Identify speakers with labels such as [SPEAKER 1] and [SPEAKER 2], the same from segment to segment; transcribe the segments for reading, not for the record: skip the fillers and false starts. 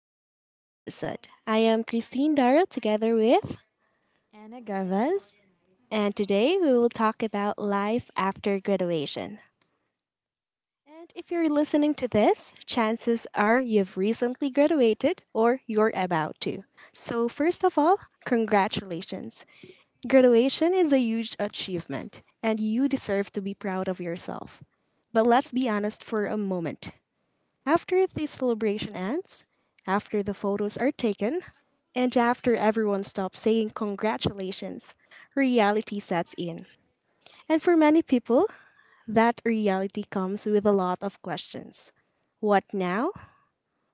[SPEAKER 1] to today's episode. I am Christine Darrow together with,
[SPEAKER 2] Anna Garvez.
[SPEAKER 1] and today we will talk about life after graduation. And if you're listening to this, chances are you've recently graduated or you're about to. So, first of all, congratulations. Graduation is a huge achievement, and you deserve to be proud of yourself. But let's be honest for a moment. After the celebration ends, after the photos are taken, and after everyone stops saying congratulations, reality sets in. And for many people, that reality comes with a lot of questions. What now?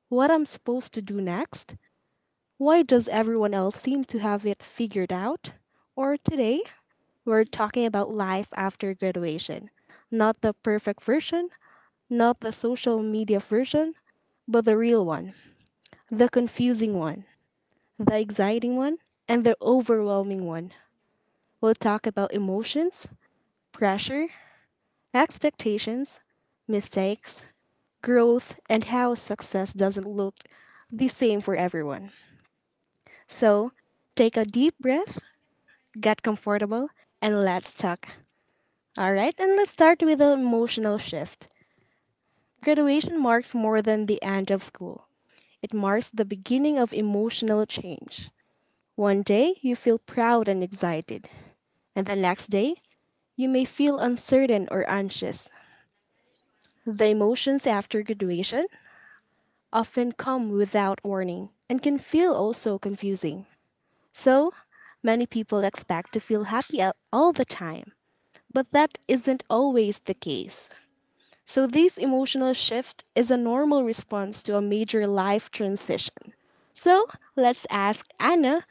[SPEAKER 1] What I'm supposed to do next? Why does everyone else seem to have it figured out? Or today, we're talking about life after graduation. Not the perfect version, not the social media version, but the real one, the confusing one, the exciting one, and the overwhelming one. We'll talk about emotions, pressure, expectations, mistakes, growth, and how success doesn't look the same for everyone. So take a deep breath, get comfortable, and let's talk. All right, and let's start with the emotional shift. Graduation marks more than the end of school. It marks the beginning of emotional change. One day you feel proud and excited, and the next day you may feel uncertain or anxious. The emotions after graduation often come without warning and can feel also confusing. So, many people expect to feel happy all the time, but that isn't always the case. So, this emotional shift is a normal response to a major life transition. So, let's ask Anna.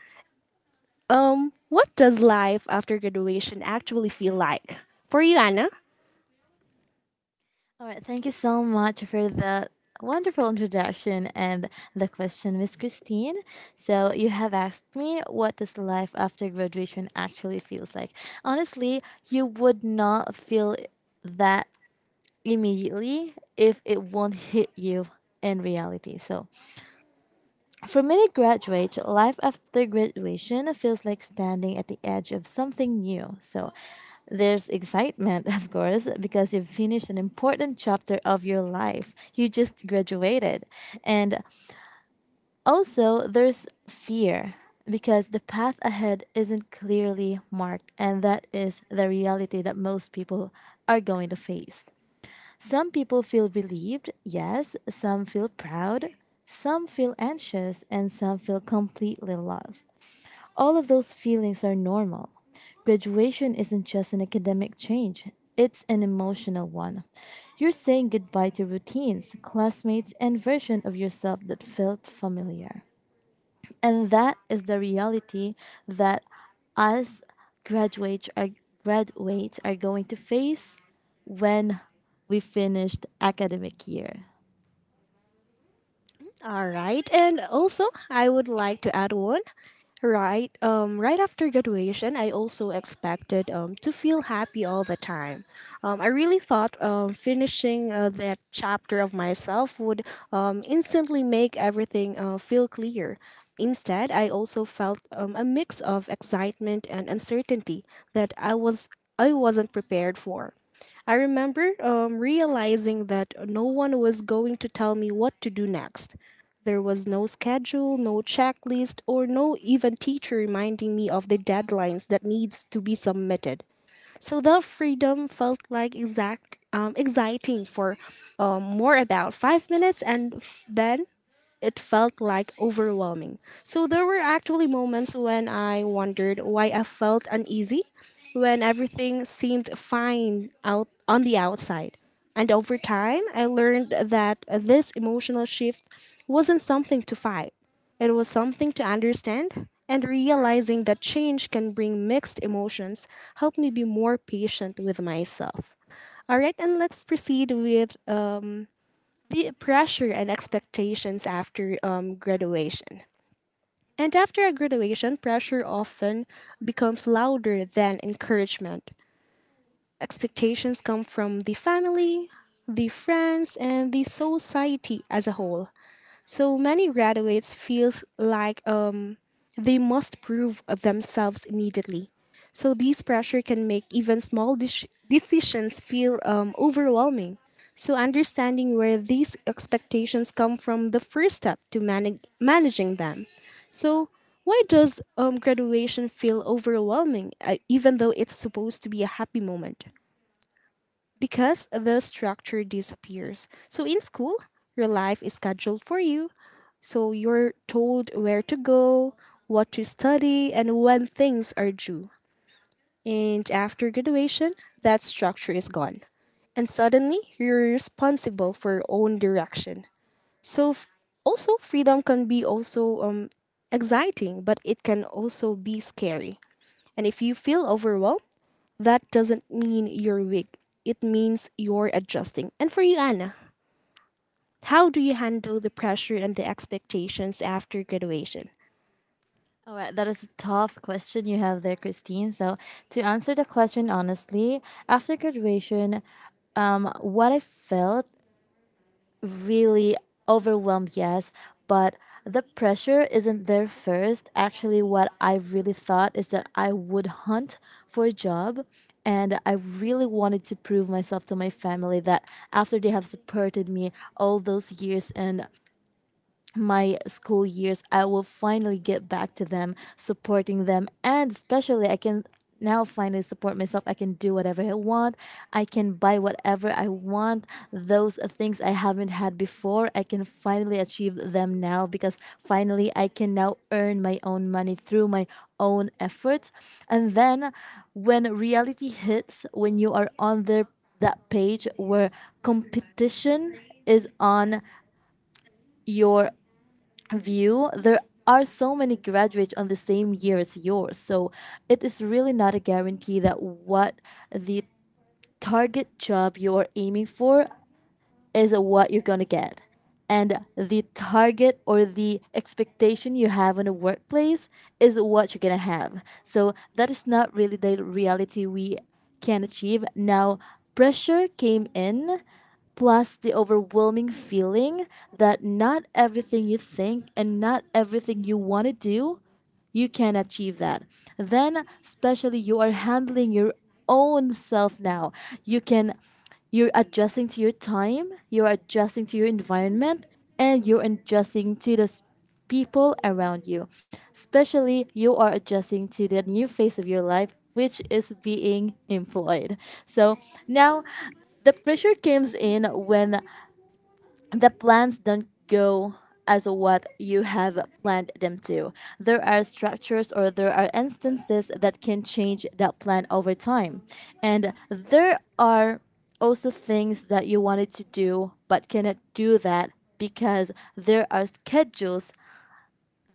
[SPEAKER 1] What does life after graduation actually feel like? For you, Anna?
[SPEAKER 2] All right, thank you so much for the wonderful introduction and the question, Miss Christine. So you have asked me what does life after graduation actually feels like. Honestly, you would not feel that immediately if it won't hit you in reality. For many graduates, life after graduation feels like standing at the edge of something new. So there's excitement, of course, because you've finished an important chapter of your life. You just graduated. And also, there's fear because the path ahead isn't clearly marked. And that is the reality that most people are going to face. Some people feel relieved, yes, some feel proud, some feel anxious, and some feel completely lost. All of those feelings are normal. Graduation isn't just an academic change, it's an emotional one. You're saying goodbye to routines, classmates, and version of yourself that felt familiar. And that is the reality that us graduates are, graduates are going to face when we finished academic year.
[SPEAKER 1] All right, and also I would like to add one. Right, right after graduation, I also expected to feel happy all the time. I really thought finishing that chapter of myself would instantly make everything feel clear. Instead, I also felt a mix of excitement and uncertainty that I wasn't prepared for. I remember realizing that no one was going to tell me what to do next. There was no schedule, no checklist, or no even teacher reminding me of the deadlines that needs to be submitted. So the freedom felt like exact exciting for more about 5 minutes, and then it felt like overwhelming. So there were actually moments when I wondered why I felt uneasy when everything seemed fine out on the outside. And over time, I learned that this emotional shift wasn't something to fight. It was something to understand, and realizing that change can bring mixed emotions helped me be more patient with myself. All right, and let's proceed with the pressure and expectations after graduation. And after a graduation, pressure often becomes louder than encouragement. Expectations come from the family, the friends, and the society as a whole. So many graduates feels like they must prove themselves immediately. So this pressure can make even small decisions feel overwhelming. So understanding where these expectations come from the first step to managing them. So why does graduation feel overwhelming, even though it's supposed to be a happy moment? Because the structure disappears. So in school, your life is scheduled for you. So you're told where to go, what to study, and when things are due. And after graduation, that structure is gone. And suddenly, you're responsible for your own direction. So also freedom can be also exciting, but it can also be scary. And if you feel overwhelmed, that doesn't mean you're weak. It means you're adjusting. And for you, Anna, how do you handle the pressure and the expectations after graduation?
[SPEAKER 2] All right, that is a tough question you have there, Christine. So, to answer the question honestly, after graduation, what I felt really overwhelmed, yes, but the pressure isn't there first. Actually, what I really thought is that I would hunt for a job and I really wanted to prove myself to my family that after they have supported me all those years and my school years, I will finally get back to them, supporting them, and especially I can now finally support myself. I can do whatever I want. I can buy whatever I want. Those things I haven't had before, I can finally achieve them now because finally I can now earn my own money through my own efforts. And then when reality hits, when you are on their that page where competition is on your view, there are so many graduates on the same year as yours. So it is really not a guarantee that what the target job you are aiming for is what you're going to get. And the target or the expectation you have in a workplace is what you're going to have. So that is not really the reality we can achieve. Now, pressure came in, plus the overwhelming feeling that not everything you think and not everything you want to do you can achieve that. Then, especially, you are handling your own self now. You can you're adjusting to your time, you're adjusting to your environment, and you're adjusting to the people around you. Especially, you are adjusting to the new phase of your life, which is being employed. So now, the pressure comes in when the plans don't go as what you have planned them to. There are structures or there are instances that can change that plan over time. And there are also things that you wanted to do but cannot do that because there are schedules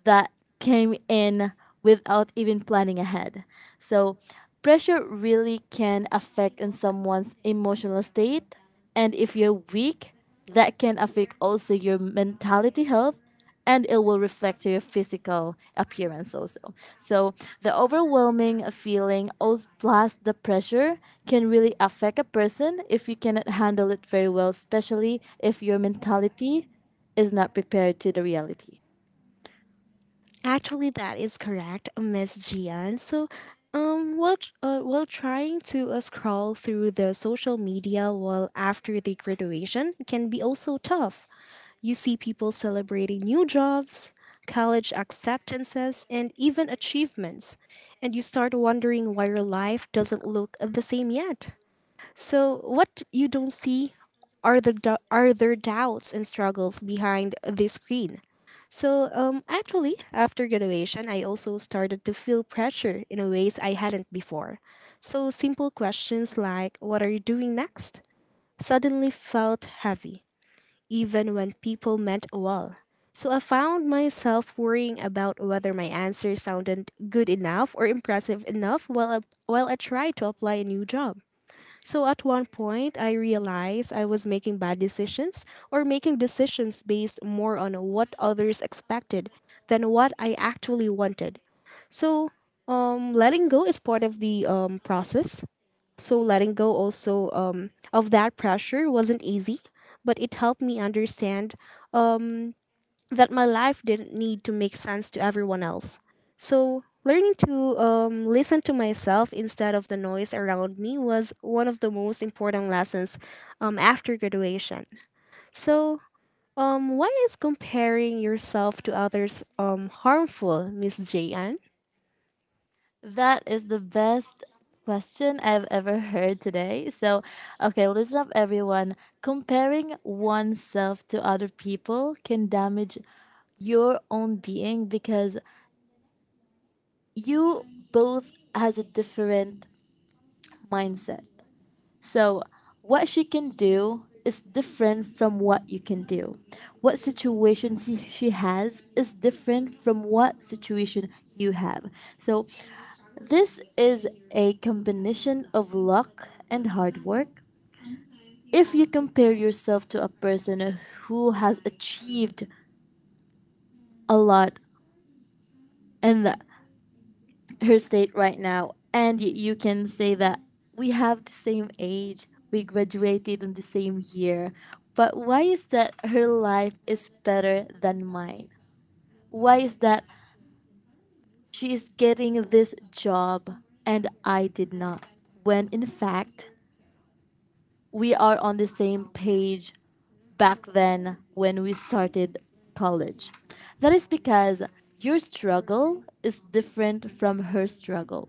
[SPEAKER 2] that came in without even planning ahead. So, pressure really can affect in someone's emotional state, and if you're weak, that can affect also your mentality health and it will reflect to your physical appearance also. So the overwhelming feeling also plus the pressure can really affect a person if you cannot handle it very well, especially if your mentality is not prepared to the reality.
[SPEAKER 1] Actually, that is correct, Miss Gian. So, while trying to scroll through the social media while after the graduation can be also tough. You see people celebrating new jobs, college acceptances, and even achievements, and you start wondering why your life doesn't look the same yet. So what you don't see are are their doubts and struggles behind the screen. So actually, after graduation, I also started to feel pressure in ways I hadn't before. So simple questions like "What are you doing next?" suddenly felt heavy, even when people meant well. So I found myself worrying about whether my answer sounded good enough or impressive enough while while I tried to apply a new job. So at one point, I realized I was making bad decisions or making decisions based more on what others expected than what I actually wanted. So letting go is part of the process. So letting go also of that pressure wasn't easy, but it helped me understand um, that my life didn't need to make sense to everyone else. So, learning to listen to myself instead of the noise around me was one of the most important lessons after graduation. So, why is comparing yourself to others harmful, Miss J.N.?
[SPEAKER 2] That is the best question I've ever heard today. So, okay, listen up, everyone. Comparing oneself to other people can damage your own being because you both has a different mindset. So, what she can do is different from what you can do. What situation she has is different from what situation you have. So this is a combination of luck and hard work. If you compare yourself to a person who has achieved a lot in the, her state right now, and you can say that we have the same age, we graduated in the same year, but why is that her life is better than mine? Why is that she is getting this job and I did not? When in fact, we are on the same page back then when we started college. That is because your struggle is different from her struggle.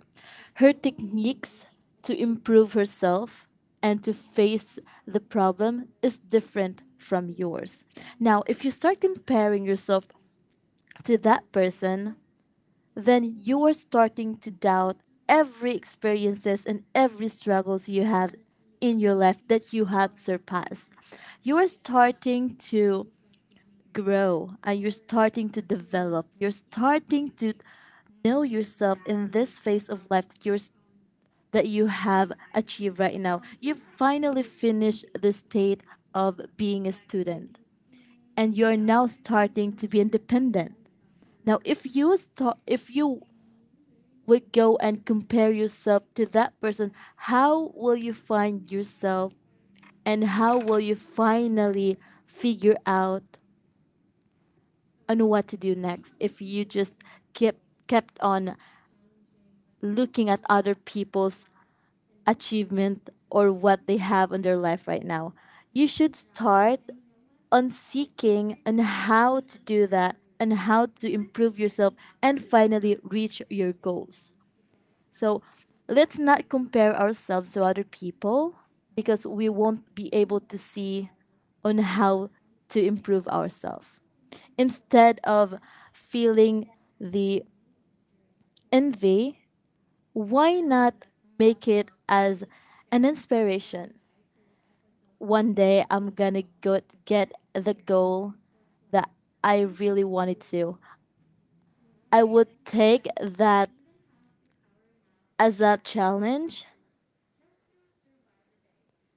[SPEAKER 2] Her techniques to improve herself and to face the problem is different from yours. Now, if you start comparing yourself to that person, then you're starting to doubt every experiences and every struggles you have in your life that you have surpassed, you're starting to grow, and you're starting to develop, you're starting to know yourself in this phase of life that you have achieved right now. You've finally finished the state of being a student, and you're now starting to be independent. Now, if you would go and compare yourself to that person, how will you find yourself and how will you finally figure out on what to do next if you just kept kept on looking at other people's achievement or what they have in their life right now? You should start on seeking on how to do that and how to improve yourself and finally reach your goals. So let's not compare ourselves to other people because we won't be able to see on how to improve ourselves. Instead of feeling the envy, why not make it as an inspiration? One day I'm gonna go get the goal that I really wanted to. I would take that as a challenge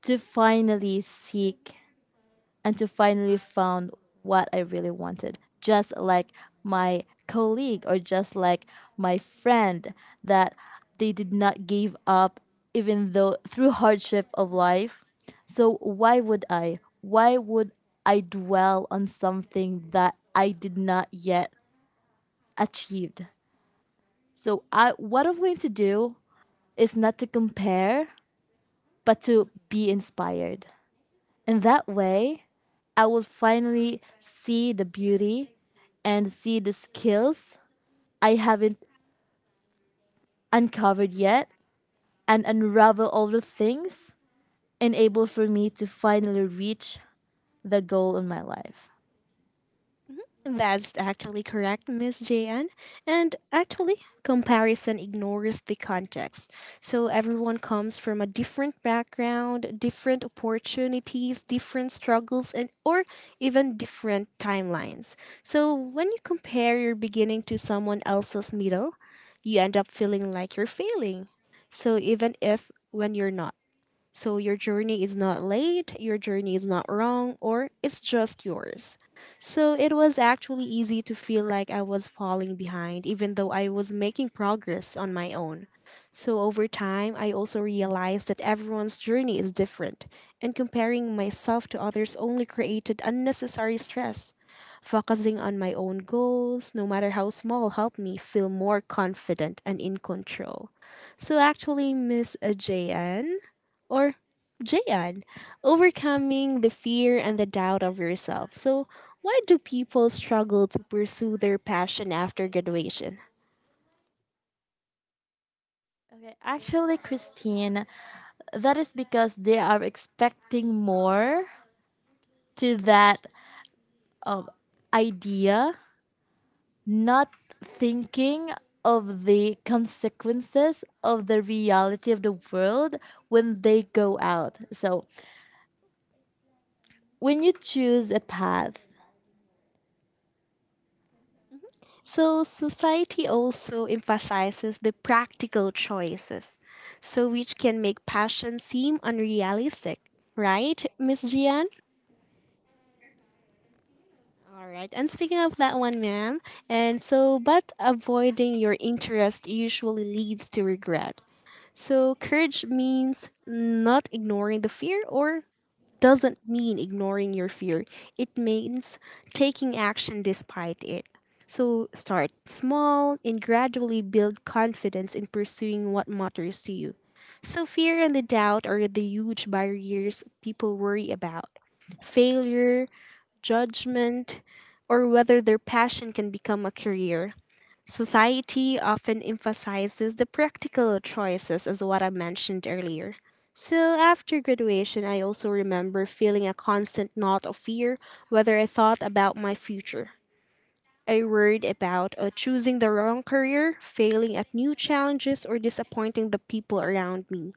[SPEAKER 2] to finally seek and to finally found what I really wanted. Just like my colleague or just like my friend that they did not give up even though through hardship of life. So why would I? Why would I dwell on something that I did not yet achieved? So I what I'm going to do is not to compare but to be inspired. In that way, I will finally see the beauty and see the skills I haven't uncovered yet and unravel all the things enable for me to finally reach the goal in my life.
[SPEAKER 1] Mm-hmm. That's actually correct, Miss JN. And actually, comparison ignores the context. So everyone comes from a different background, different opportunities, different struggles, and or even different timelines. So when you compare your beginning to someone else's middle, you end up feeling like you're failing. So even if when you're not. So your journey is not late, your journey is not wrong, or it's just yours. So it was actually easy to feel like I was falling behind, even though I was making progress on my own. So over time, I also realized that everyone's journey is different, and comparing myself to others only created unnecessary stress. Focusing on my own goals, no matter how small, helped me feel more confident and in control. So actually, Miss JN, or Jayan, overcoming the fear and the doubt of yourself. So, why do people struggle to pursue their passion after graduation?
[SPEAKER 2] Okay, actually, Christine, that is because they are expecting more to that idea, not thinking of the consequences of the reality of the world when they go out. So, when you choose a path,
[SPEAKER 1] So, society also emphasizes the practical choices, so which can make passion seem unrealistic, right, Miss Jian? All right. And speaking of that one, ma'am, and so, but avoiding your interest usually leads to regret. So, courage means not ignoring the fear or doesn't mean ignoring your fear. It means taking action despite it. So, start small and gradually build confidence in pursuing what matters to you. So, fear and the doubt are the huge barriers people worry about. Failure, judgment, or whether their passion can become a career. Society often emphasizes the practical choices, as what I mentioned earlier. So, after graduation, I also remember feeling a constant knot of fear whether I thought about my future. I worried about choosing the wrong career, failing at new challenges, or disappointing the people around me.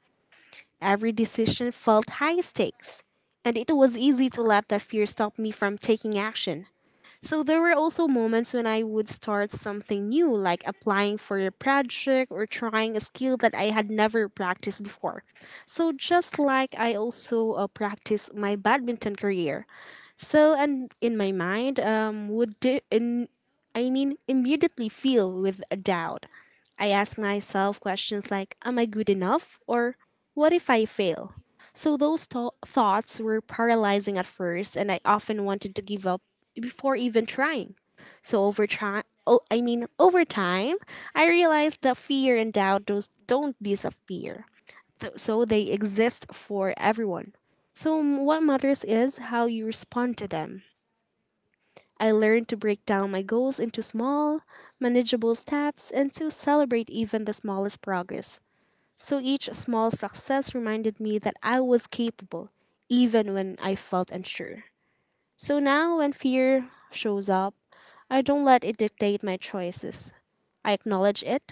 [SPEAKER 1] Every decision felt high stakes, and it was easy to let that fear stop me from taking action. So there were also moments when I would start something new, like applying for a project or trying a skill that I had never practiced before. So just like I also practiced my badminton career, so, and in my mind, would do in, I mean, immediately feel with a doubt. I ask myself questions like, "Am I good enough?" or "What if I fail?" So those thoughts were paralyzing at first, and I often wanted to give up before even trying. So over time, over time, I realized that fear and doubt those don't disappear. So they exist for everyone. So, what matters is how you respond to them. I learned to break down my goals into small, manageable steps and to celebrate even the smallest progress. So, each small success reminded me that I was capable, even when I felt unsure. So, now when fear shows up, I don't let it dictate my choices. I acknowledge it,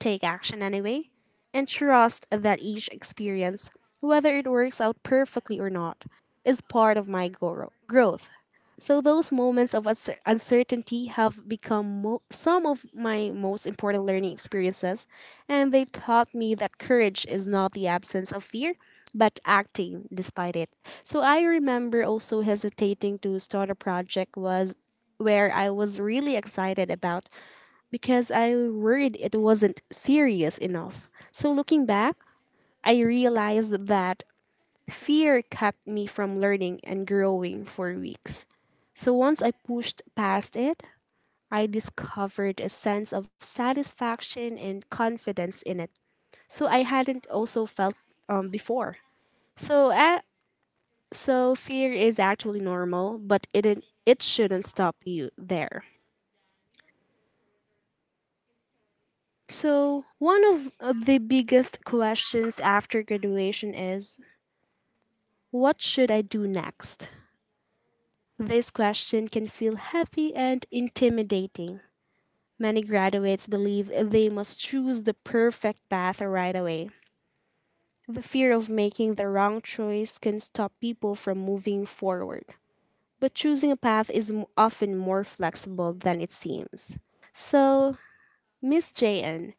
[SPEAKER 1] take action anyway, and trust that each experience, whether it works out perfectly or not, is part of my growth. So those moments of uncertainty have become some of my most important learning experiences, and they taught me that courage is not the absence of fear, but acting despite it. So I remember also hesitating to start a project was where I was really excited about because I worried it wasn't serious enough. So looking back, I realized that fear kept me from learning and growing for weeks. So once I pushed past it, I discovered a sense of satisfaction and confidence in it. So I hadn't also felt before. So so fear is actually normal, but it shouldn't stop you there. So, one of the biggest questions after graduation is what should I do next? This question can feel heavy and intimidating. Many graduates believe they must choose the perfect path right away. The fear of making the wrong choice can stop people from moving forward. But choosing a path is often more flexible than it seems. So, Miss JN,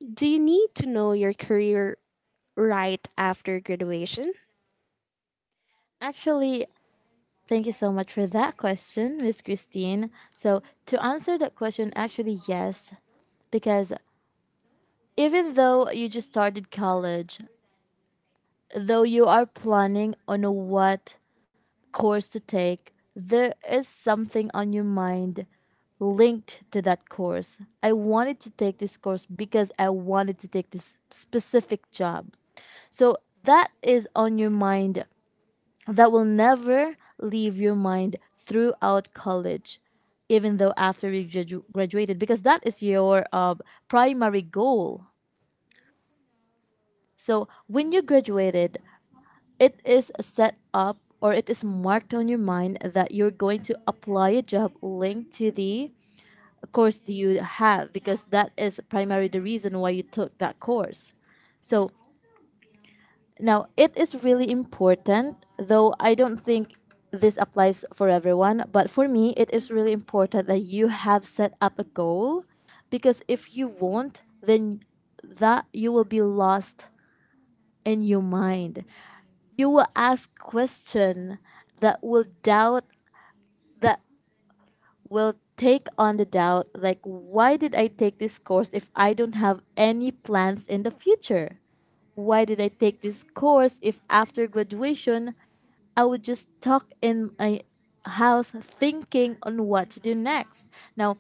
[SPEAKER 1] do you need to know your career right after graduation.
[SPEAKER 2] actually, thank you so much for that question, Miss Christine. So, to answer that question, actually, yes, because even though you just started college, though you are planning on what course to take, there is something on your mind linked to that course. I wanted to take this course because I wanted to take this specific job. So that is on your mind that will never leave your mind throughout college, even though after we graduated, because that is your primary goal. So when you graduated, it is set up or it is marked on your mind that you're going to apply a job linked to the course that you have because that is primarily the reason why you took that course. So now it is really important, though I don't think this applies for everyone, but for me, it is really important that you have set up a goal, because if you won't, then that you will be lost in your mind. You will ask question that will doubt that will take on the doubt, like why did I take this course if I don't have any plans in the future? Why did I take this course if after graduation I would just talk in my house thinking on what to do next. Now,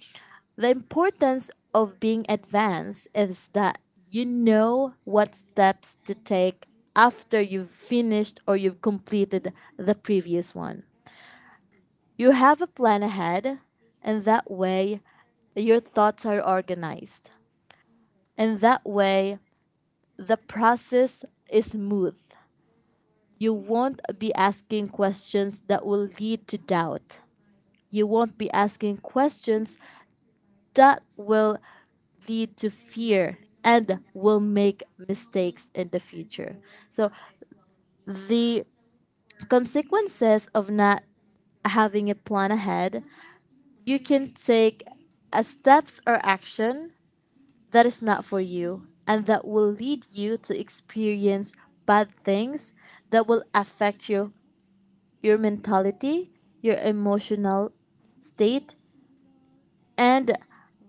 [SPEAKER 2] the importance of being advanced is that you know what steps to take after you've finished or you've completed the previous one. You have a plan ahead, and that way your thoughts are organized. And that way the process is smooth. You won't be asking questions that will lead to doubt. You won't be asking questions that will lead to fear and will make mistakes in the future. So, the consequences of not having a plan ahead, you can take a steps or action that is not for you and that will lead you to experience bad things that will affect your mentality, your emotional state, and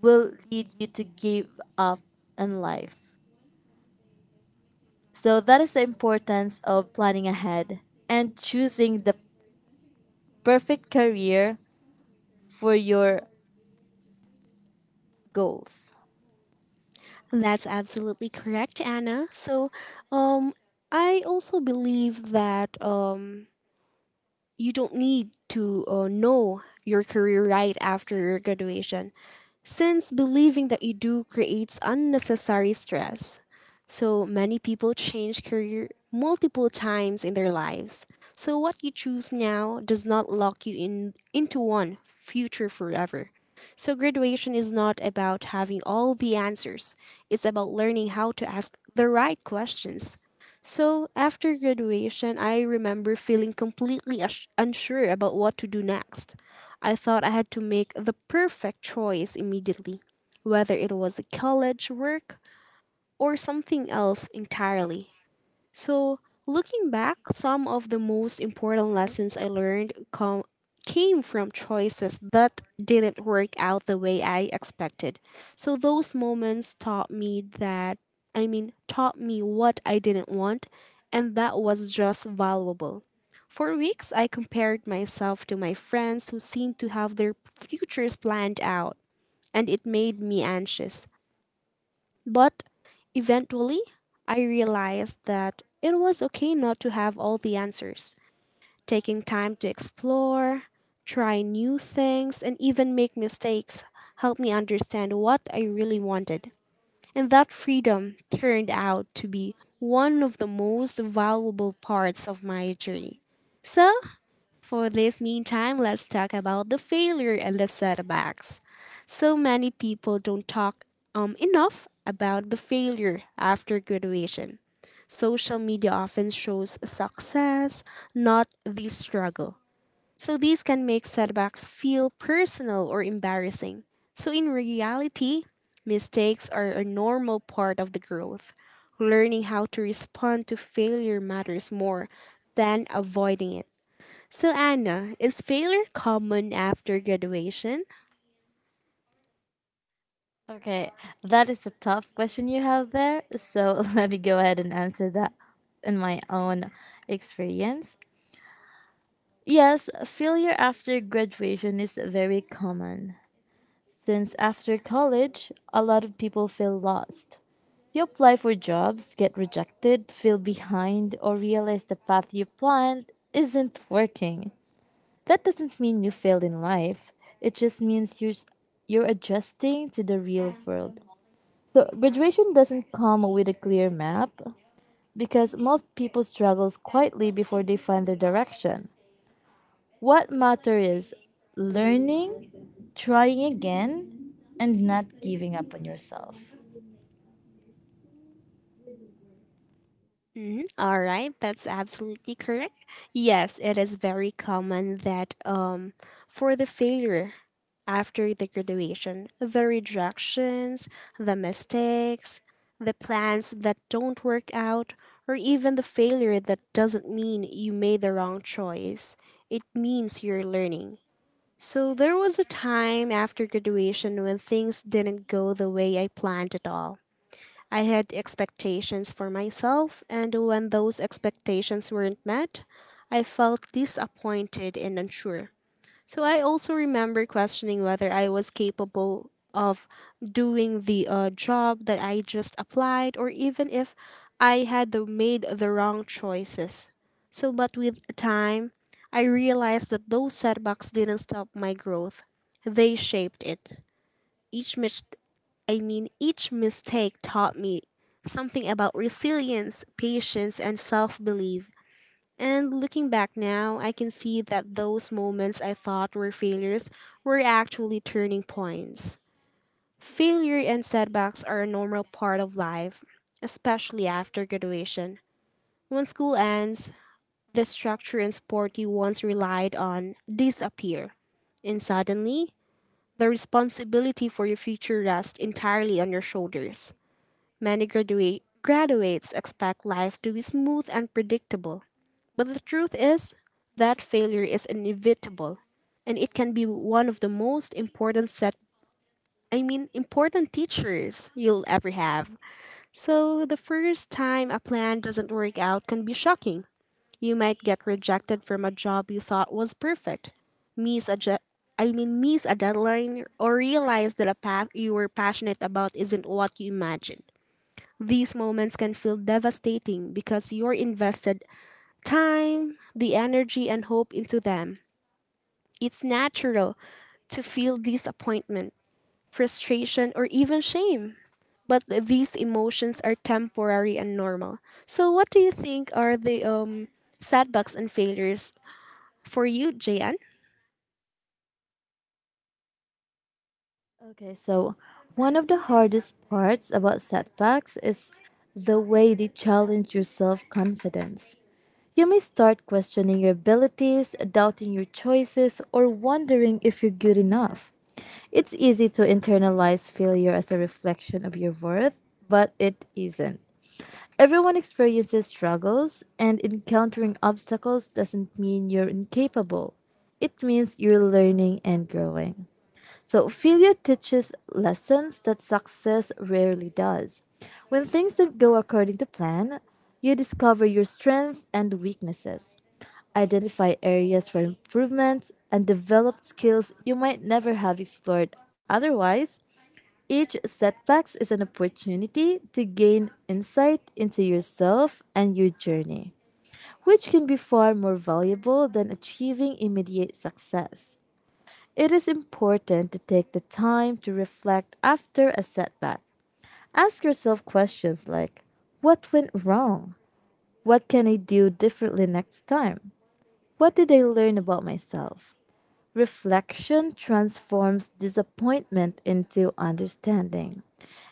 [SPEAKER 2] will lead you to give up in life. So that is the importance of planning ahead and choosing the perfect career for your goals.
[SPEAKER 1] That's absolutely correct, Anna. So, um, I also believe that you don't need to know your career right after your graduation, since believing that you do creates unnecessary stress. So many people change career multiple times in their lives. So what you choose now does not lock you in into one future forever. So graduation is not about having all the answers. It's about learning how to ask the right questions. So after graduation, I remember feeling completely unsure about what to do next. I thought I had to make the perfect choice immediately, whether it was a college work or something else entirely. So, looking back, some of the most important lessons I learned came from choices that didn't work out the way I expected. So, those moments taught me taught me what I didn't want, and that was just valuable. For weeks, I compared myself to my friends who seemed to have their futures planned out, and it made me anxious. But eventually, I realized that it was okay not to have all the answers. Taking time to explore, try new things, and even make mistakes helped me understand what I really wanted. And that freedom turned out to be one of the most valuable parts of my journey. So, for this meantime, let's talk about the failure and the setbacks. So many people don't talk enough about the failure after graduation. Social media often shows success, not the struggle. So these can make setbacks feel personal or embarrassing. So in reality, mistakes are a normal part of the growth. Learning how to respond to failure matters more than avoiding it. So, Anna, is failure common after graduation?
[SPEAKER 2] Okay, that is a tough question you have there. So let me go ahead and answer that in my own experience. Yes, failure after graduation is very common. Since after college, a lot of people feel lost. You apply for jobs, get rejected, feel behind, or realize the path you planned isn't working. That doesn't mean you failed in life. It just means you're adjusting to the real world. So, graduation doesn't come with a clear map because most people struggle quietly before they find their direction. What matters is learning, trying again, and not giving up on yourself.
[SPEAKER 1] Mhm, all right, that's absolutely correct. Yes, it is very common that for the failure after the graduation, the rejections, the mistakes, the plans that don't work out, or even the failure that doesn't mean you made the wrong choice. It means you're learning. So there was a time after graduation when things didn't go the way I planned at all. I had expectations for myself, and when those expectations weren't met, I felt disappointed and unsure. So I also remember questioning whether I was capable of doing the job that I just applied or even if made the wrong choices. So, but with time, I realized that those setbacks didn't stop my growth, they shaped it. Each mis- each mistake taught me something about resilience, patience, and self belief. And looking back now, I can see that those moments I thought were failures were actually turning points. Failure and setbacks are a normal part of life, especially after graduation. When school ends, the structure and support you once relied on disappear. And suddenly, the responsibility for your future rests entirely on your shoulders. Many graduates expect life to be smooth and predictable. But the truth is that failure is inevitable and it can be one of the most important set I mean important teachers you'll ever have. So the first time a plan doesn't work out can be shocking. You might get rejected from a job you thought was perfect. Miss a je- I mean Miss a deadline or realize that a path you were passionate about isn't what you imagined. These moments can feel devastating because you're invested time, the energy, and hope into them. It's natural to feel disappointment, frustration, or even shame. But these emotions are temporary and normal. So, what do you think are the setbacks and failures for you, Jan?
[SPEAKER 2] Okay, so one of the hardest parts about setbacks is the way they challenge your self confidence. You may start questioning your abilities, doubting your choices, or wondering if you're good enough. It's easy to internalize failure as a reflection of your worth, but it isn't. Everyone experiences struggles, and encountering obstacles doesn't mean you're incapable. It means you're learning and growing. So, failure teaches lessons that success rarely does. When things don't go according to plan, you discover your strengths and weaknesses, identify areas for improvement, and develop skills you might never have explored otherwise. Each setback is an opportunity to gain insight into yourself and your journey, which can be far more valuable than achieving immediate success. It is important to take the time to reflect after a setback. Ask yourself questions like, what went wrong? What can I do differently next time? What did I learn about myself? Reflection transforms disappointment into understanding,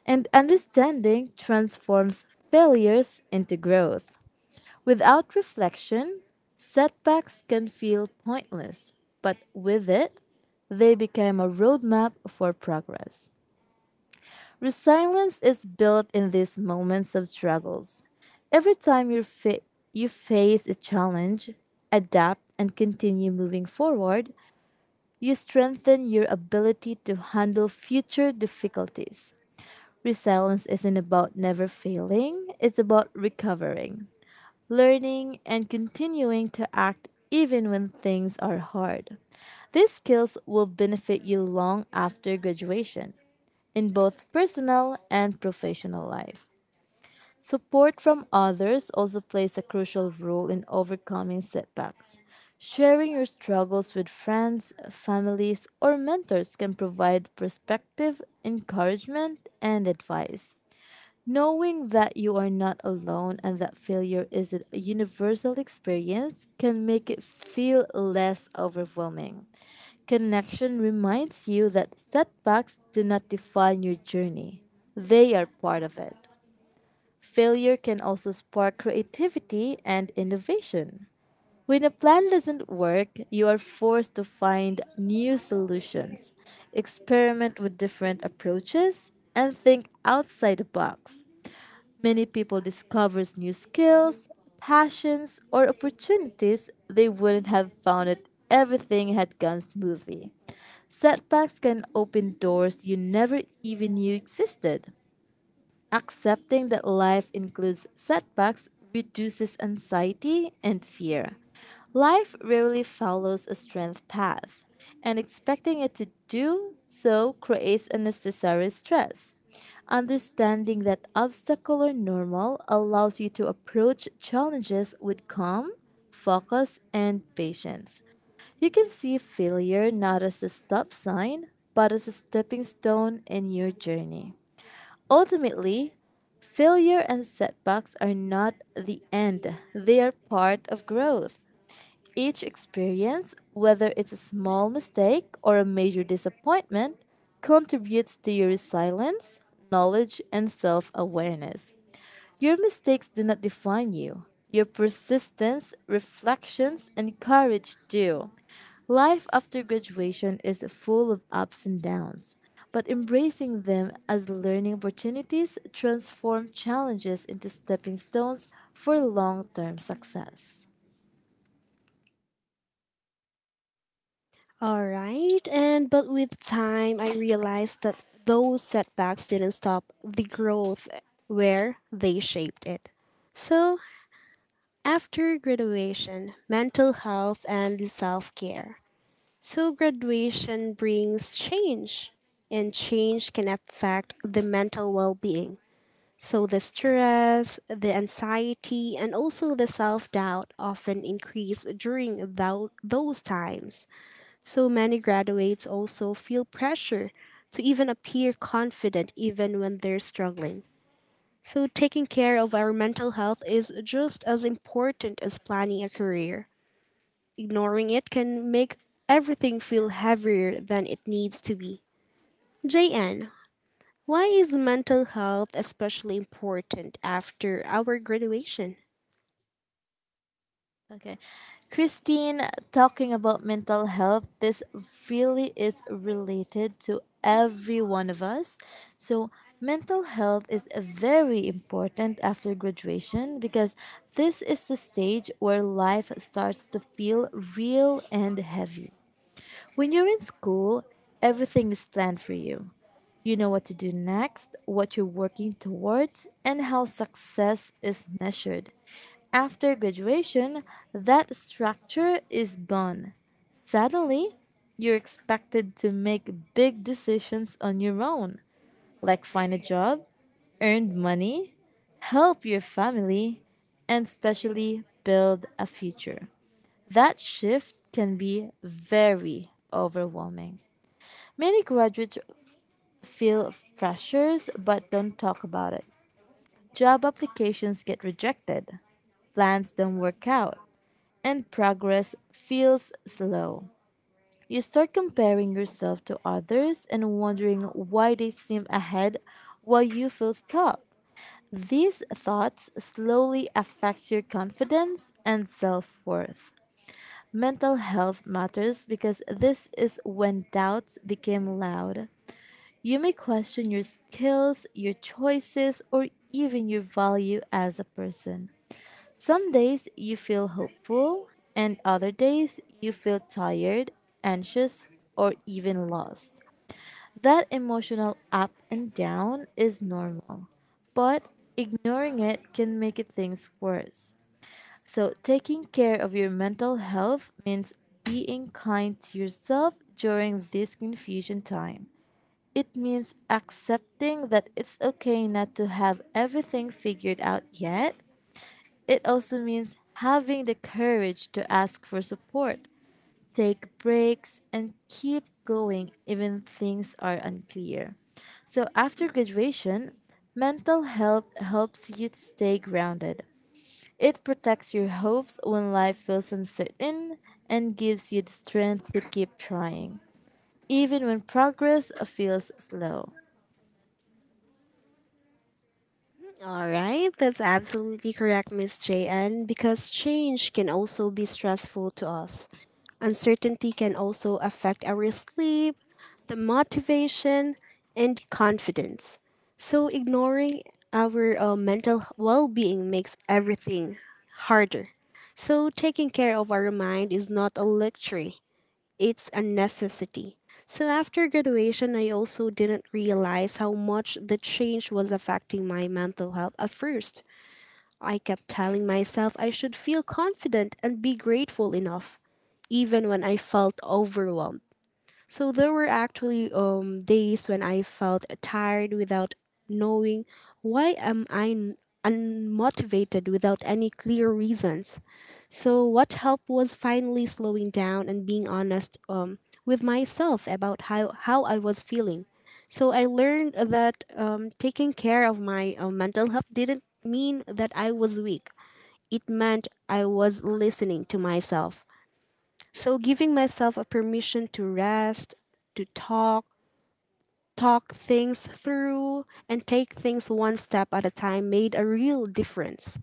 [SPEAKER 2] and understanding transforms failures into growth. Without reflection, setbacks can feel pointless, but with it, they become a roadmap for progress. Resilience is built in these moments of struggles. Every time you face a challenge, adapt, and continue moving forward, you strengthen your ability to handle future difficulties. Resilience isn't about never failing, it's about recovering, learning, and continuing to act even when things are hard. These skills will benefit you long after graduation in both personal and professional life. Support from others also plays a crucial role in overcoming setbacks. Sharing your struggles with friends, families, or mentors can provide perspective, encouragement, and advice. Knowing that you are not alone and that failure is a universal experience can make it feel less overwhelming. Connection reminds you that setbacks do not define your journey, they are part of it. Failure can also spark creativity and innovation. When a plan doesn't work, you are forced to find new solutions, experiment with different approaches, and think outside the box. Many people discovers new skills, passions, or opportunities they wouldn't have found if everything had gone smoothly. Setbacks can open doors you never even knew existed. Accepting that life includes setbacks reduces anxiety and fear. Life rarely follows a strength path, and expecting it to do so creates unnecessary stress. Understanding that obstacle are normal allows you to approach challenges with calm, focus, and patience. You can see failure not as a stop sign, but as a stepping stone in your journey. Ultimately, failure and setbacks are not the end, they are part of growth. Each experience, whether it's a small mistake or a major disappointment, contributes to your resilience, knowledge, and self awareness. Your mistakes do not define you, your persistence, reflections, and courage do. Life after graduation is full of ups and downs, but embracing them as learning opportunities transform challenges into stepping stones for long-term success.
[SPEAKER 1] All right, and but with time, I realized that those setbacks didn't stop the growth where they shaped it. So, after graduation, mental health and self care. So, graduation brings change, and change can affect the mental well being. So, the stress, the anxiety, and also the self doubt often increase during those times. So many graduates also feel pressure to even appear confident even when they're struggling. So taking care of our mental health is just as important as planning a career. Ignoring it can make everything feel heavier than it needs to be. JN, why is mental health especially important after our graduation?
[SPEAKER 2] Okay. Christine, talking about mental health, this really is related to every one of us. So, mental health is very important after graduation because this is the stage where life starts to feel real and heavy. When you're in school, everything is planned for you. You know what to do next, what you're working towards, and how success is measured. After graduation, that structure is gone. Suddenly, you're expected to make big decisions on your own, like find a job, earn money, help your family, and especially build a future. That shift can be very overwhelming. Many graduates feel pressures but don't talk about it. Job applications get rejected, plans don't work out, and progress feels slow. You start comparing yourself to others and wondering why they seem ahead while you feel stuck. These thoughts slowly affect your confidence and self worth. Mental health matters because this is when doubts become loud. You may question your skills, your choices, or even your value as a person. Some days you feel hopeful, and other days you feel tired, anxious, or even lost. That emotional up and down is normal, but ignoring it can make it things worse. So, taking care of your mental health means being kind to yourself during this confusion time. It means accepting that it's okay not to have everything figured out yet. It also means having the courage to ask for support, take breaks, and keep going even things are unclear. So after graduation, mental health helps you to stay grounded. It protects your hopes when life feels uncertain and gives you the strength to keep trying, even when progress feels slow.
[SPEAKER 1] All right, that's absolutely correct, Miss JN, because change can also be stressful to us. Uncertainty can also affect our sleep, the motivation, and confidence. So, ignoring our mental well being makes everything harder. So, taking care of our mind is not a luxury, it's a necessity. So after graduation, I also didn't realize how much the change was affecting my mental health at first. I kept telling myself I should feel confident and be grateful enough, even when I felt overwhelmed. So there were actually days when I felt tired without knowing why am I n- unmotivated without any clear reasons. So, what helped was finally slowing down and being honest with myself about how I was feeling. So, I learned that taking care of my mental health didn't mean that I was weak, it meant I was listening to myself. So, giving myself a permission to rest, to talk things through, and take things one step at a time made a real difference.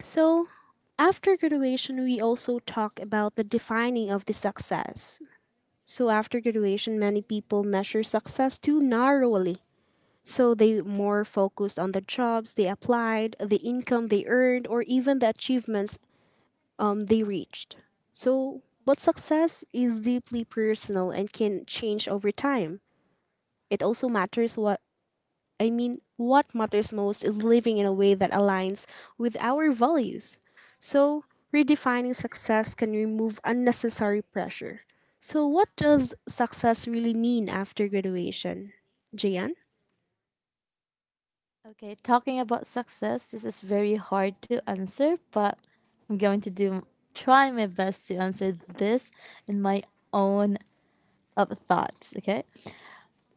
[SPEAKER 1] So, after graduation, we also talk about the defining of the success. So, after graduation, many people measure success too narrowly. So, they more focused on the jobs they applied, the income they earned, or even the achievements they reached. So, but success is deeply personal and can change over time. It also matters what I mean, what matters most is living in a way that aligns with our values. So, redefining success can remove unnecessary pressure. So, what does success really mean after graduation? Jayan?
[SPEAKER 2] Okay, talking about success, this is very hard to answer, but I'm going to do try my best to answer this in my own of thoughts, okay?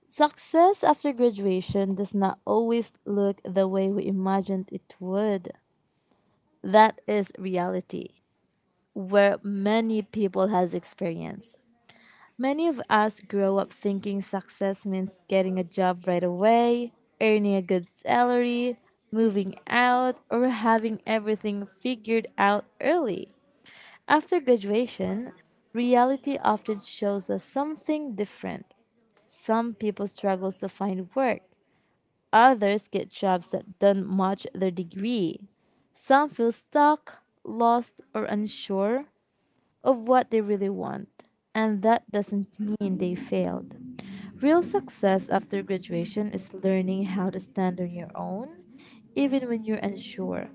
[SPEAKER 2] Success after graduation does not always look the way we imagined it would. That is reality where many people has experience. Many of us grow up thinking success means getting a job right away, earning a good salary, moving out, or having everything figured out early. After graduation, reality often shows us something different. Some people struggle to find work, others get jobs that don't match their degree. Some feel stuck, lost, or unsure of what they really want, and that doesn't mean they failed. Real success after graduation is learning how to stand on your own, even when you're unsure.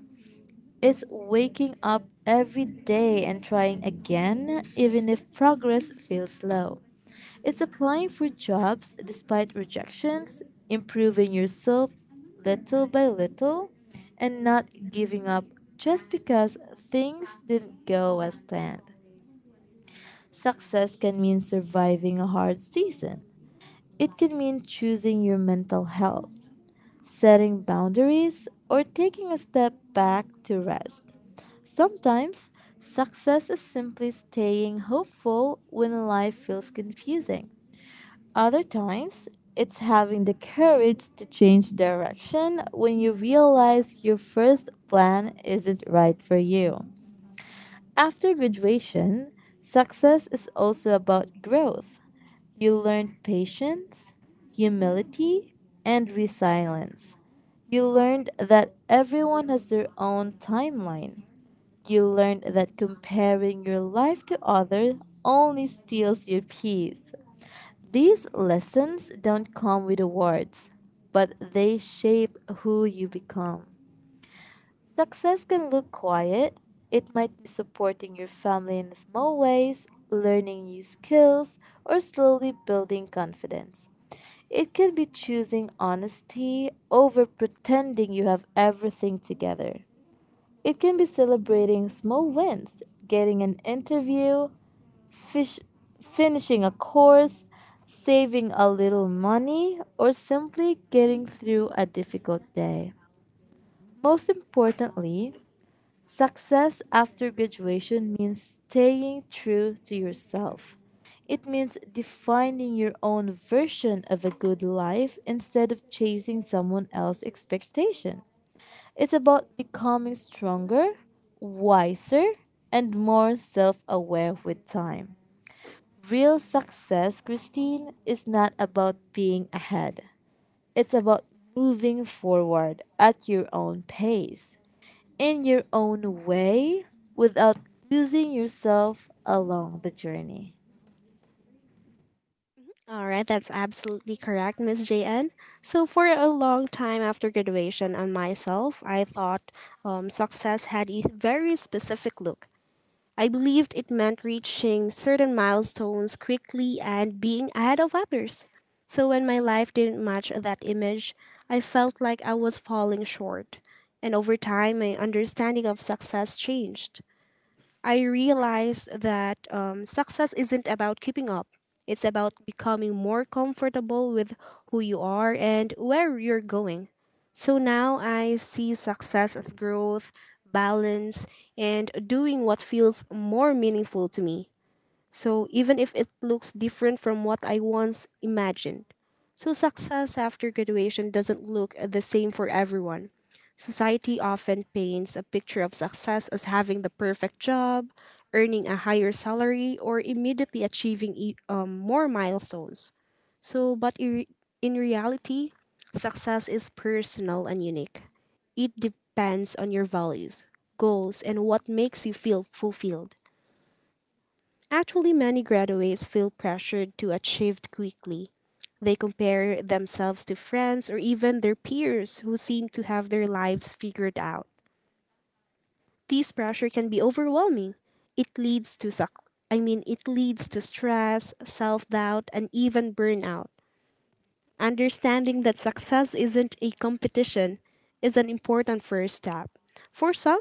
[SPEAKER 2] It's waking up every day and trying again, even if progress feels slow. It's applying for jobs despite rejections, improving yourself little by little, and not giving up just because things didn't go as planned. Success can mean surviving a hard season. It can mean choosing your mental health, setting boundaries, or taking a step back to rest. Sometimes, success is simply staying hopeful when life feels confusing. Other times, it's having the courage to change direction when you realize your first plan isn't right for you. After graduation, success is also about growth. You learned patience, humility, and resilience. You learned that everyone has their own timeline. You learned that comparing your life to others only steals your peace. These lessons don't come with awards, but they shape who you become. Success can look quiet. It might be supporting your family in small ways, learning new skills, or slowly building confidence. It can be choosing honesty over pretending you have everything together. It can be celebrating small wins, getting an interview, fish, finishing a course, saving a little money, or simply getting through a difficult day. Most importantly, success after graduation means staying true to yourself. It means defining your own version of a good life instead of chasing someone else's expectation. It's about becoming stronger, wiser, and more self aware with time. Real success, Christine, is not about being ahead, it's about moving forward at your own pace in your own way without losing yourself along the journey.
[SPEAKER 1] All right, that's absolutely correct, Miss JN. So for a long time after graduation, on myself, I thought success had a very specific look. I believed it meant reaching certain milestones quickly and being ahead of others. So when my life didn't match that image, I felt like I was falling short. And over time, my understanding of success changed. I realized that success isn't about keeping up. It's about becoming more comfortable with who you are and where you're going. So now I see success as growth, balance, and doing what feels more meaningful to me, so even if it looks different from what I once imagined. So success after graduation doesn't look the same for everyone. Society often paints a picture of success as having the perfect job, earning a higher salary, or immediately achieving more milestones. But in reality, success is personal and unique. It depends on your values, goals, and what makes you feel fulfilled. Actually, many graduates feel pressured to achieve quickly. They compare themselves to friends or even their peers who seem to have their lives figured out. This pressure can be overwhelming. It leads to suc- it leads to stress, self-doubt and even burnout. Understanding that success isn't a competition is an important first step. For some,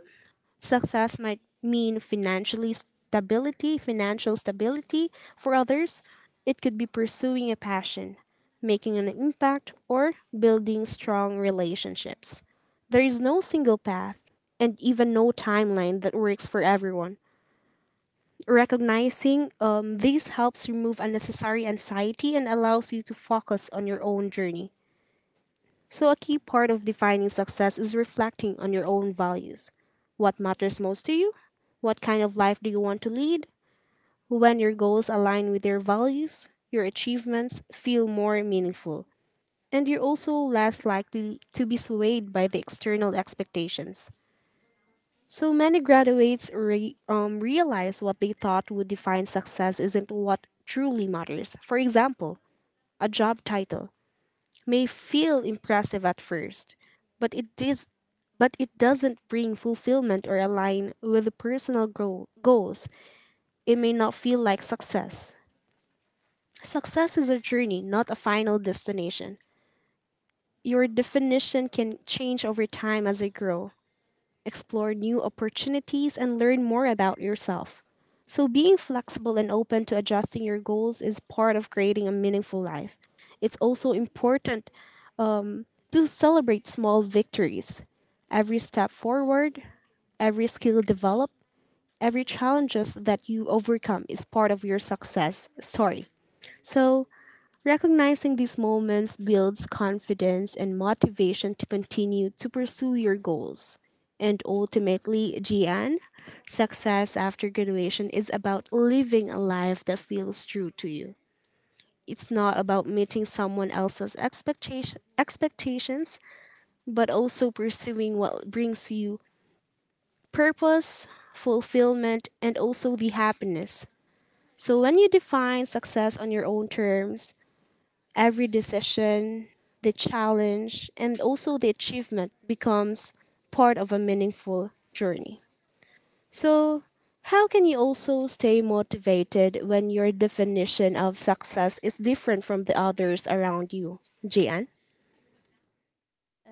[SPEAKER 1] success might mean financial stability for others. It could be pursuing a passion, making an impact, or building strong relationships. There is no single path and even no timeline that works for everyone. Recognizing this helps remove unnecessary anxiety and allows you to focus on your own journey. So, a key part of defining success is reflecting on your own values. What matters most to you? What kind of life do you want to lead? When your goals align with your values, your achievements feel more meaningful, and you're also less likely to be swayed by the external expectations. So many graduates realize what they thought would define success isn't what truly matters. For example, a job title may feel impressive at first, but it is but it doesn't bring fulfillment or align with the personal goals. It may not feel like success. Success is a journey, not a final destination. Your definition can change over time as you grow, explore new opportunities, and learn more about yourself. So, being flexible and open to adjusting your goals is part of creating a meaningful life. It's also important um, to celebrate small victories. Every step forward, every skill developed, every challenges that you overcome is part of your success story. So, recognizing these moments builds confidence and motivation to continue to pursue your goals. And ultimately, Gian, success after graduation is about living a life that feels true to you. It's not about meeting someone else's expectations, but also pursuing what brings you purpose, fulfillment, and also the happiness. So when you define success on your own terms, every decision, the challenge, and also the achievement becomes part of a meaningful journey. So, how can you also stay motivated when your definition of success is different from the others around you, Jian?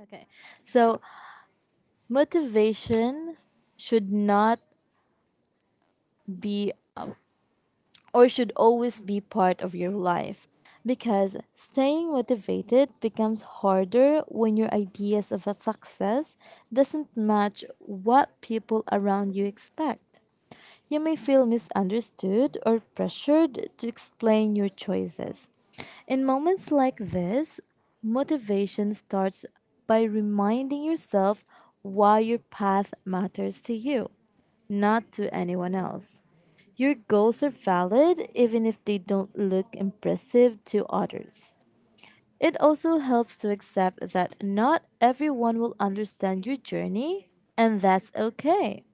[SPEAKER 2] Okay. So, motivation should not be or should always be part of your life because staying motivated becomes harder when your ideas of a success doesn't match what people around you expect. You may feel misunderstood or pressured to explain your choices. In moments like this, motivation starts by reminding yourself why your path matters to you, not to anyone else. Your goals are valid even if they don't look impressive to others. It also helps to accept that not everyone will understand your journey, and that's okay.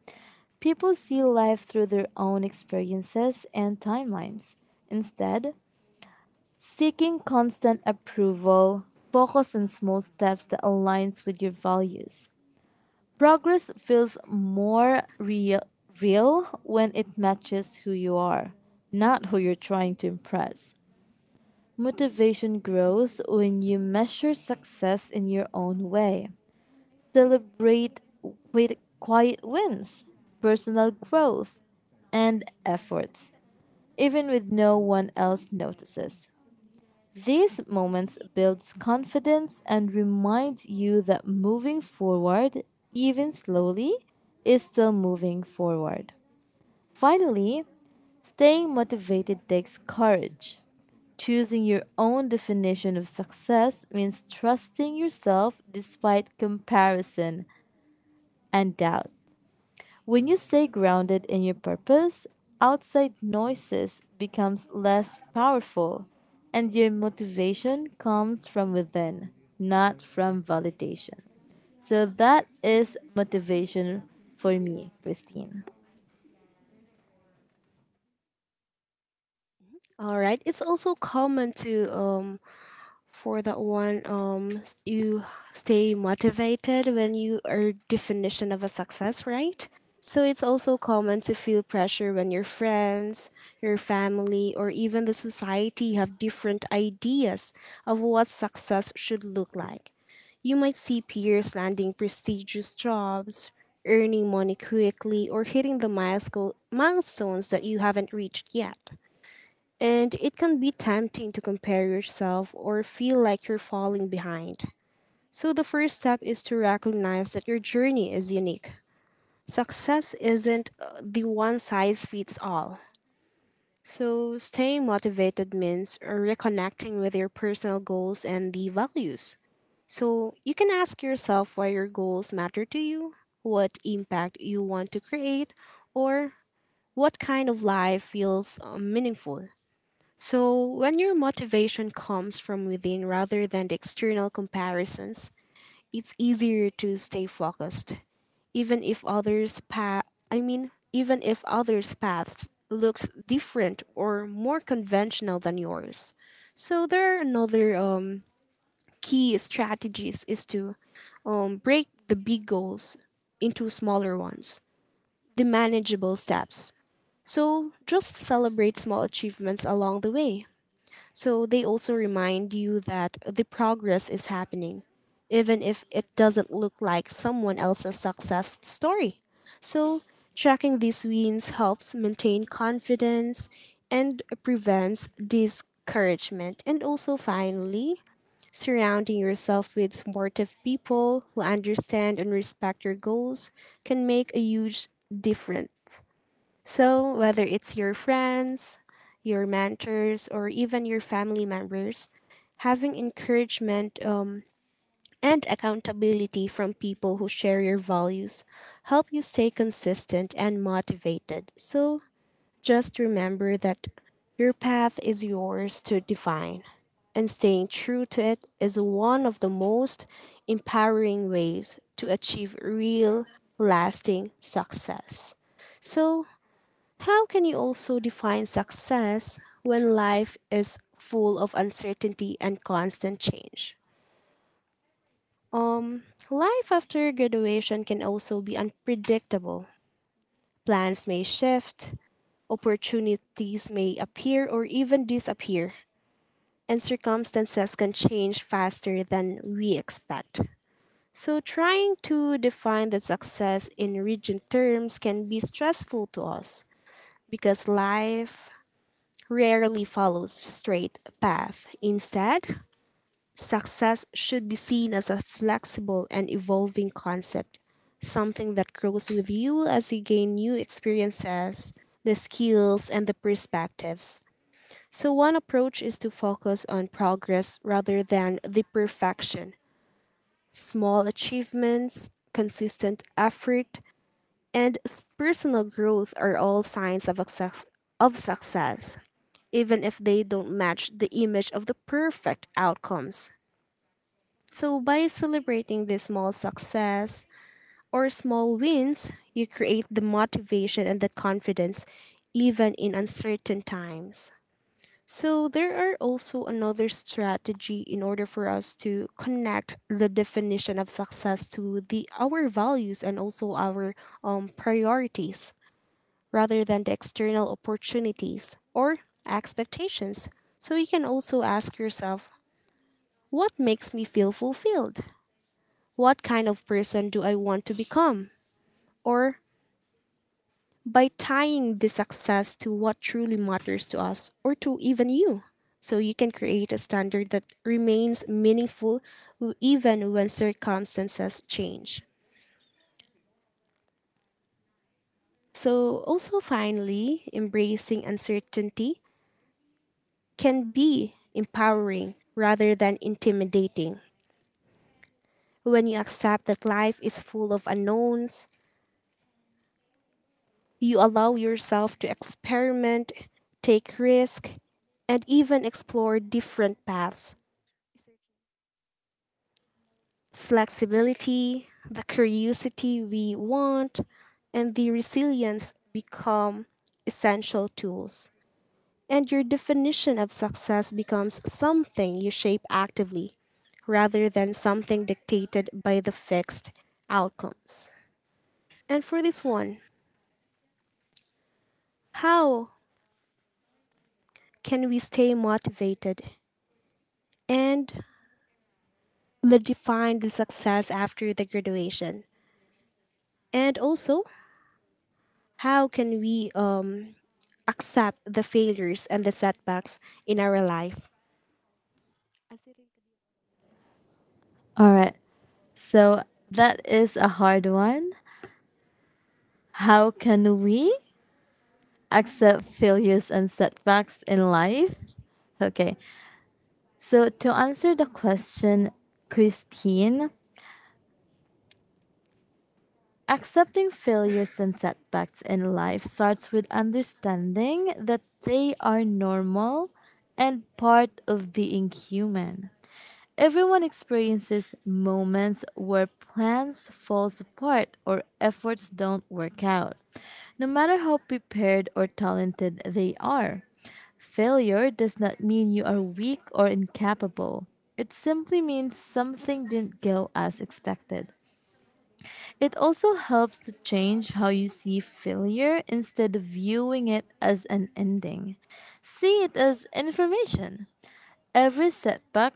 [SPEAKER 2] People see life through their own experiences and timelines. Instead, seeking constant approval, focus on small steps that aligns with your values. Progress feels more real when it matches who you are, not who you're trying to impress. Motivation grows when you measure success in your own way. Celebrate with quiet wins, personal growth, and efforts, even when no one else notices. These moments builds confidence and reminds you that moving forward, even slowly, is still moving forward. Finally, staying motivated takes courage. Choosing your own definition of success means trusting yourself despite comparison and doubt. When you stay grounded in your purpose, outside noises becomes less powerful and your motivation comes from within, not from validation. So that is motivation for me, Christine.
[SPEAKER 1] All right, it's also common to for that one you stay motivated when you are definition of a success right so it's also common to feel pressure when your friends your family or even the society have different ideas of what success should look like you might see peers landing prestigious jobs earning money quickly or hitting the milestones that you haven't reached yet and it can be tempting to compare yourself or feel like you're falling behind. So the first step is to recognize that your journey is unique. Success isn't the one size fits all. So staying motivated means reconnecting with your personal goals and the values. So you can ask yourself why your goals matter to you, what impact you want to create, or what kind of life feels meaningful. So, when your motivation comes from within rather than the external comparisons, it's easier to stay focused, even if others' path. Even if others' paths looks different or more conventional than yours. So there are another key strategies is to break the big goals into smaller ones, the manageable steps. So just celebrate small achievements along the way, so they also remind you that the progress is happening, even if it doesn't look like someone else's success story. So tracking these wins helps maintain confidence and prevents discouragement. And also, finally, surrounding yourself with supportive people who understand and respect your goals can make a huge difference. So, whether it's your friends, your mentors, or even your family members, having encouragement and accountability from people who share your values help you stay consistent and motivated. So, just remember that your path is yours to define, and staying true to it is one of the most empowering ways to achieve real, lasting success. So, how can you also define success when life is full of uncertainty and constant change? Um, Life after graduation can also be unpredictable. Plans may shift, opportunities may appear or even disappear, and circumstances can change faster than we expect. So, trying to define the success in rigid terms can be stressful to us because life rarely follows straight path. Instead, success should be seen as a flexible and evolving concept, something that grows with you as you gain new experiences, the skills, and the perspectives. So, one approach is to focus on progress rather than the perfection. Small achievements, consistent effort, and personal growth are all signs of, of success even if they don't match the image of the perfect outcomes. So, by celebrating the small success or small wins, you create the motivation and the confidence even in uncertain times. So, there are also another strategy in order for us to connect the definition of success to the our values and also our priorities rather than the external opportunities or expectations. So you can also ask yourself, what makes me feel fulfilled? What kind of person do I want to become? Or by tying the success to what truly matters to us or to even you. So you can create a standard that remains meaningful even when circumstances change. So, also finally, embracing uncertainty can be empowering rather than intimidating. When you accept that life is full of unknowns, you allow yourself to experiment, take risk, and even explore different paths. Flexibility, the curiosity we want, and the resilience become essential tools, and your definition of success becomes something you shape actively rather than something dictated by the fixed outcomes. And for this one, how can we stay motivated and define the success after the graduation? And also, how can we accept the failures and the setbacks in our life?
[SPEAKER 2] All right. So that is a hard one. How can we accept failures and setbacks in life? Okay. So to answer the question, Christine, accepting failures and setbacks in life starts with understanding that they are normal and part of being human. Everyone experiences moments where plans fall apart or efforts don't work out, no matter how prepared or talented they are. Failure does not mean you are weak or incapable. It simply means something didn't go as expected. It also helps to change how you see failure. Instead of viewing it as an ending, see it as information. Every setback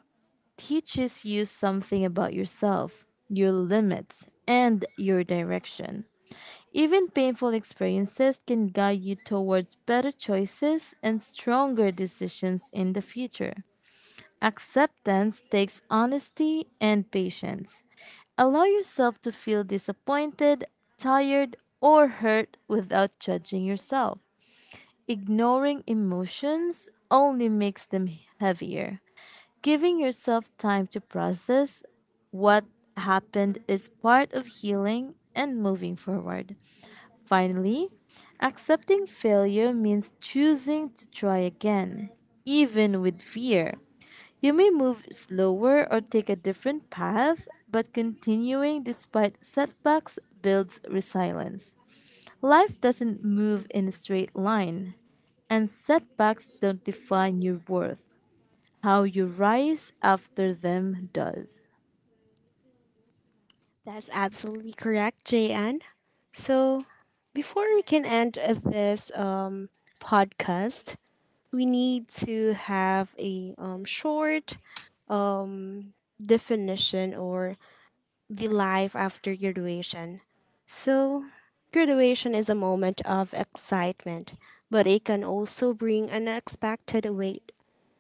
[SPEAKER 2] teaches you something about yourself, your limits, and your direction. Even painful experiences can guide you towards better choices and stronger decisions in the future. Acceptance takes honesty and patience. Allow yourself to feel disappointed, tired, or hurt without judging yourself. Ignoring emotions only makes them heavier. Giving yourself time to process what happened is part of healing and moving forward. Finally, accepting failure means choosing to try again, even with fear. You may move slower or take a different path, but continuing despite setbacks builds resilience. Life doesn't move in a straight line, and setbacks don't define your worth. How you rise after them does.
[SPEAKER 1] That's absolutely correct, JN. So, before we can end this podcast, we need to have a short um, definition or the life after graduation. So, graduation is a moment of excitement, but it can also bring unexpected weight.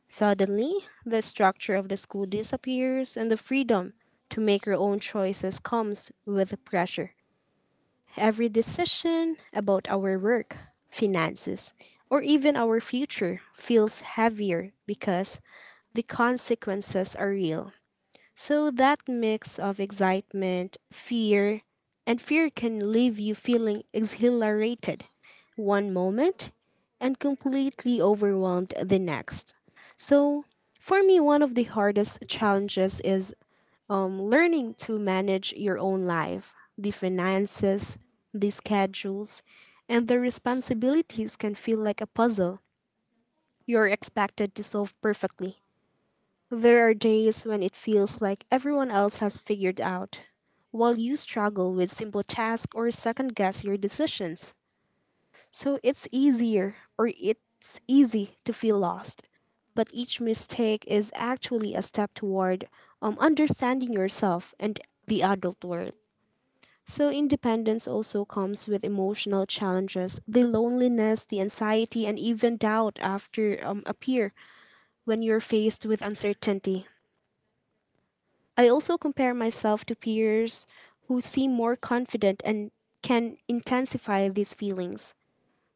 [SPEAKER 1] Suddenly, the structure of the school disappears and the freedom to make your own choices comes with pressure. Every decision about our work, finances, or even our future feels heavier because the consequences are real. So that mix of excitement, fear, and fear can leave you feeling exhilarated one moment and completely overwhelmed the next. So for me, one of the hardest challenges is learning to manage your own life, the finances, the schedules, and the responsibilities can feel like a puzzle you're expected to solve perfectly. There are days when it feels like everyone else has figured out, while you struggle with simple tasks or second guess your decisions. So it's easier or it's easy to feel lost. But each mistake is actually a step toward understanding yourself and the adult world. So independence also comes with emotional challenges, the loneliness, the anxiety, and even doubt after appear when you're faced with uncertainty. I also compare myself to peers who seem more confident and can intensify these feelings.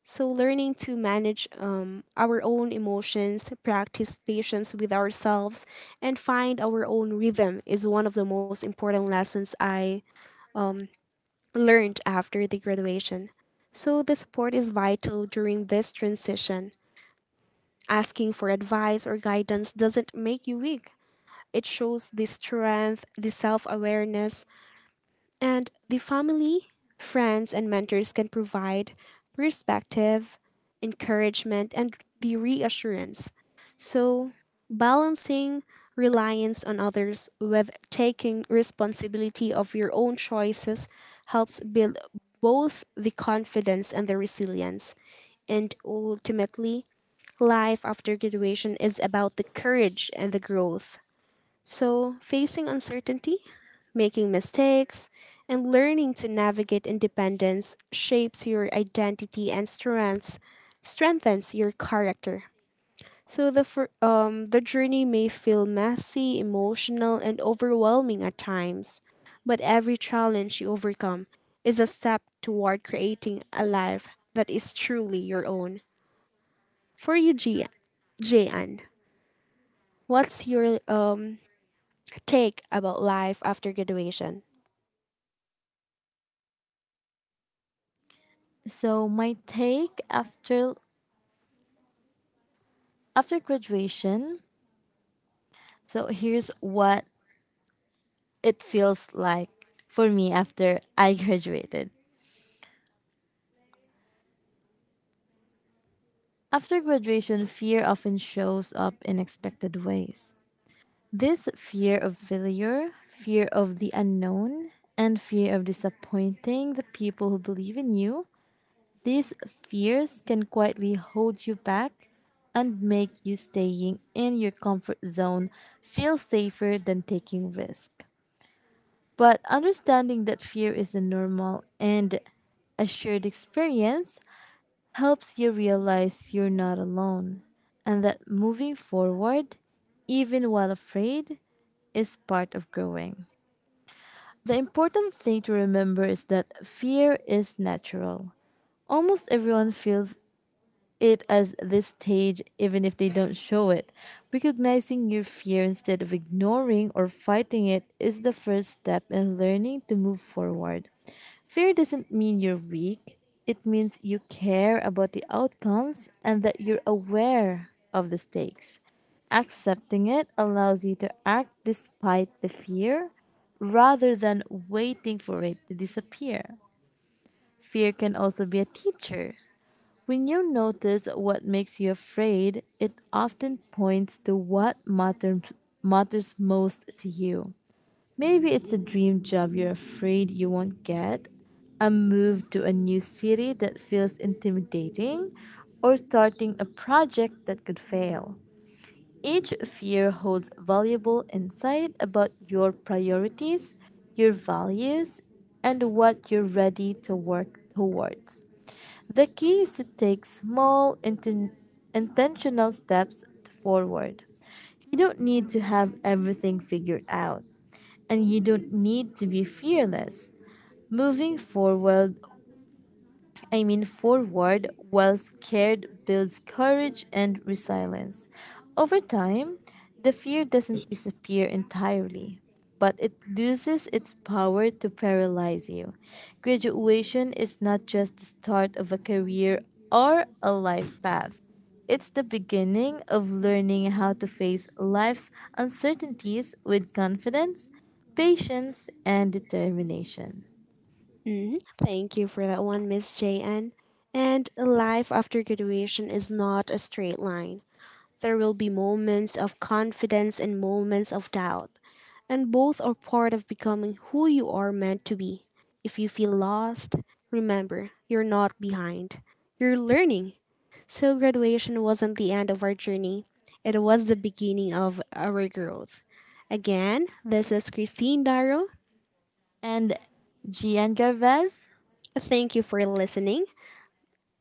[SPEAKER 1] So, learning to manage our own emotions, practice patience with ourselves, and find our own rhythm is one of the most important lessons I um, learned after the graduation. So, the support is vital during this transition. Asking for advice or guidance doesn't make you weak. It shows the strength, the self awareness, and the family, friends, and mentors can provide perspective, encouragement, and the reassurance. So, balancing reliance on others with taking responsibility of your own choices helps build both the confidence and the resilience. And ultimately, life after graduation is about the courage and the growth. So, facing uncertainty, making mistakes, and learning to navigate independence shapes your identity and strengthens your character. So the journey may feel messy, emotional, and overwhelming at times, but every challenge you overcome is a step toward creating a life that is truly your own. For you, Jian, what's your take about life after graduation?
[SPEAKER 2] So my take after graduation, so here's what it feels like for me after I graduated. After graduation, fear often shows up in expected ways. This fear of failure, fear of the unknown, and fear of disappointing the people who believe in you, these fears can quietly hold you back and make you staying in your comfort zone feel safer than taking risk. But understanding that fear is a normal and assured experience helps you realize you're not alone and that moving forward, even while afraid, is part of growing. The important thing to remember is that fear is natural. Almost everyone feels it as this stage, even if they don't show it. Recognizing your fear instead of ignoring or fighting it is the first step in learning to move forward. Fear doesn't mean you're weak, it means you care about the outcomes and that you're aware of the stakes. Accepting it allows you to act despite the fear rather than waiting for it to disappear. Fear can also be a teacher. When you notice what makes you afraid, it often points to what matters most to you. Maybe it's a dream job you're afraid you won't get, a move to a new city that feels intimidating, or starting a project that could fail. Each fear holds valuable insight about your priorities, your values, and what you're ready to work towards. The key is to take small, intentional steps forward. You don't need to have everything figured out and you don't need to be fearless. Moving forward while scared builds courage and resilience. Over time, the fear doesn't disappear entirely, but it loses its power to paralyze you. Graduation is not just the start of a career or a life path. It's the beginning of learning how to face life's uncertainties with confidence, patience, and determination.
[SPEAKER 1] Mm, thank you for that one, Miss JN. And life after graduation is not a straight line. There will be moments of confidence and moments of doubt, and both are part of becoming who you are meant to be. If you feel lost, remember, you're not behind. You're learning. So, graduation wasn't the end of our journey, it was the beginning of our growth. Again, this is Christine Darrow.
[SPEAKER 2] And Gian Garvez?
[SPEAKER 1] Thank you for listening.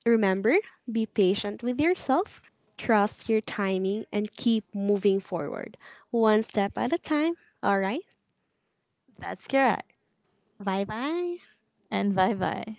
[SPEAKER 1] Remember, be patient with yourself, trust your timing, and keep moving forward, one step at a time. All right,
[SPEAKER 2] That's correct.
[SPEAKER 1] bye bye.
[SPEAKER 2] And bye bye.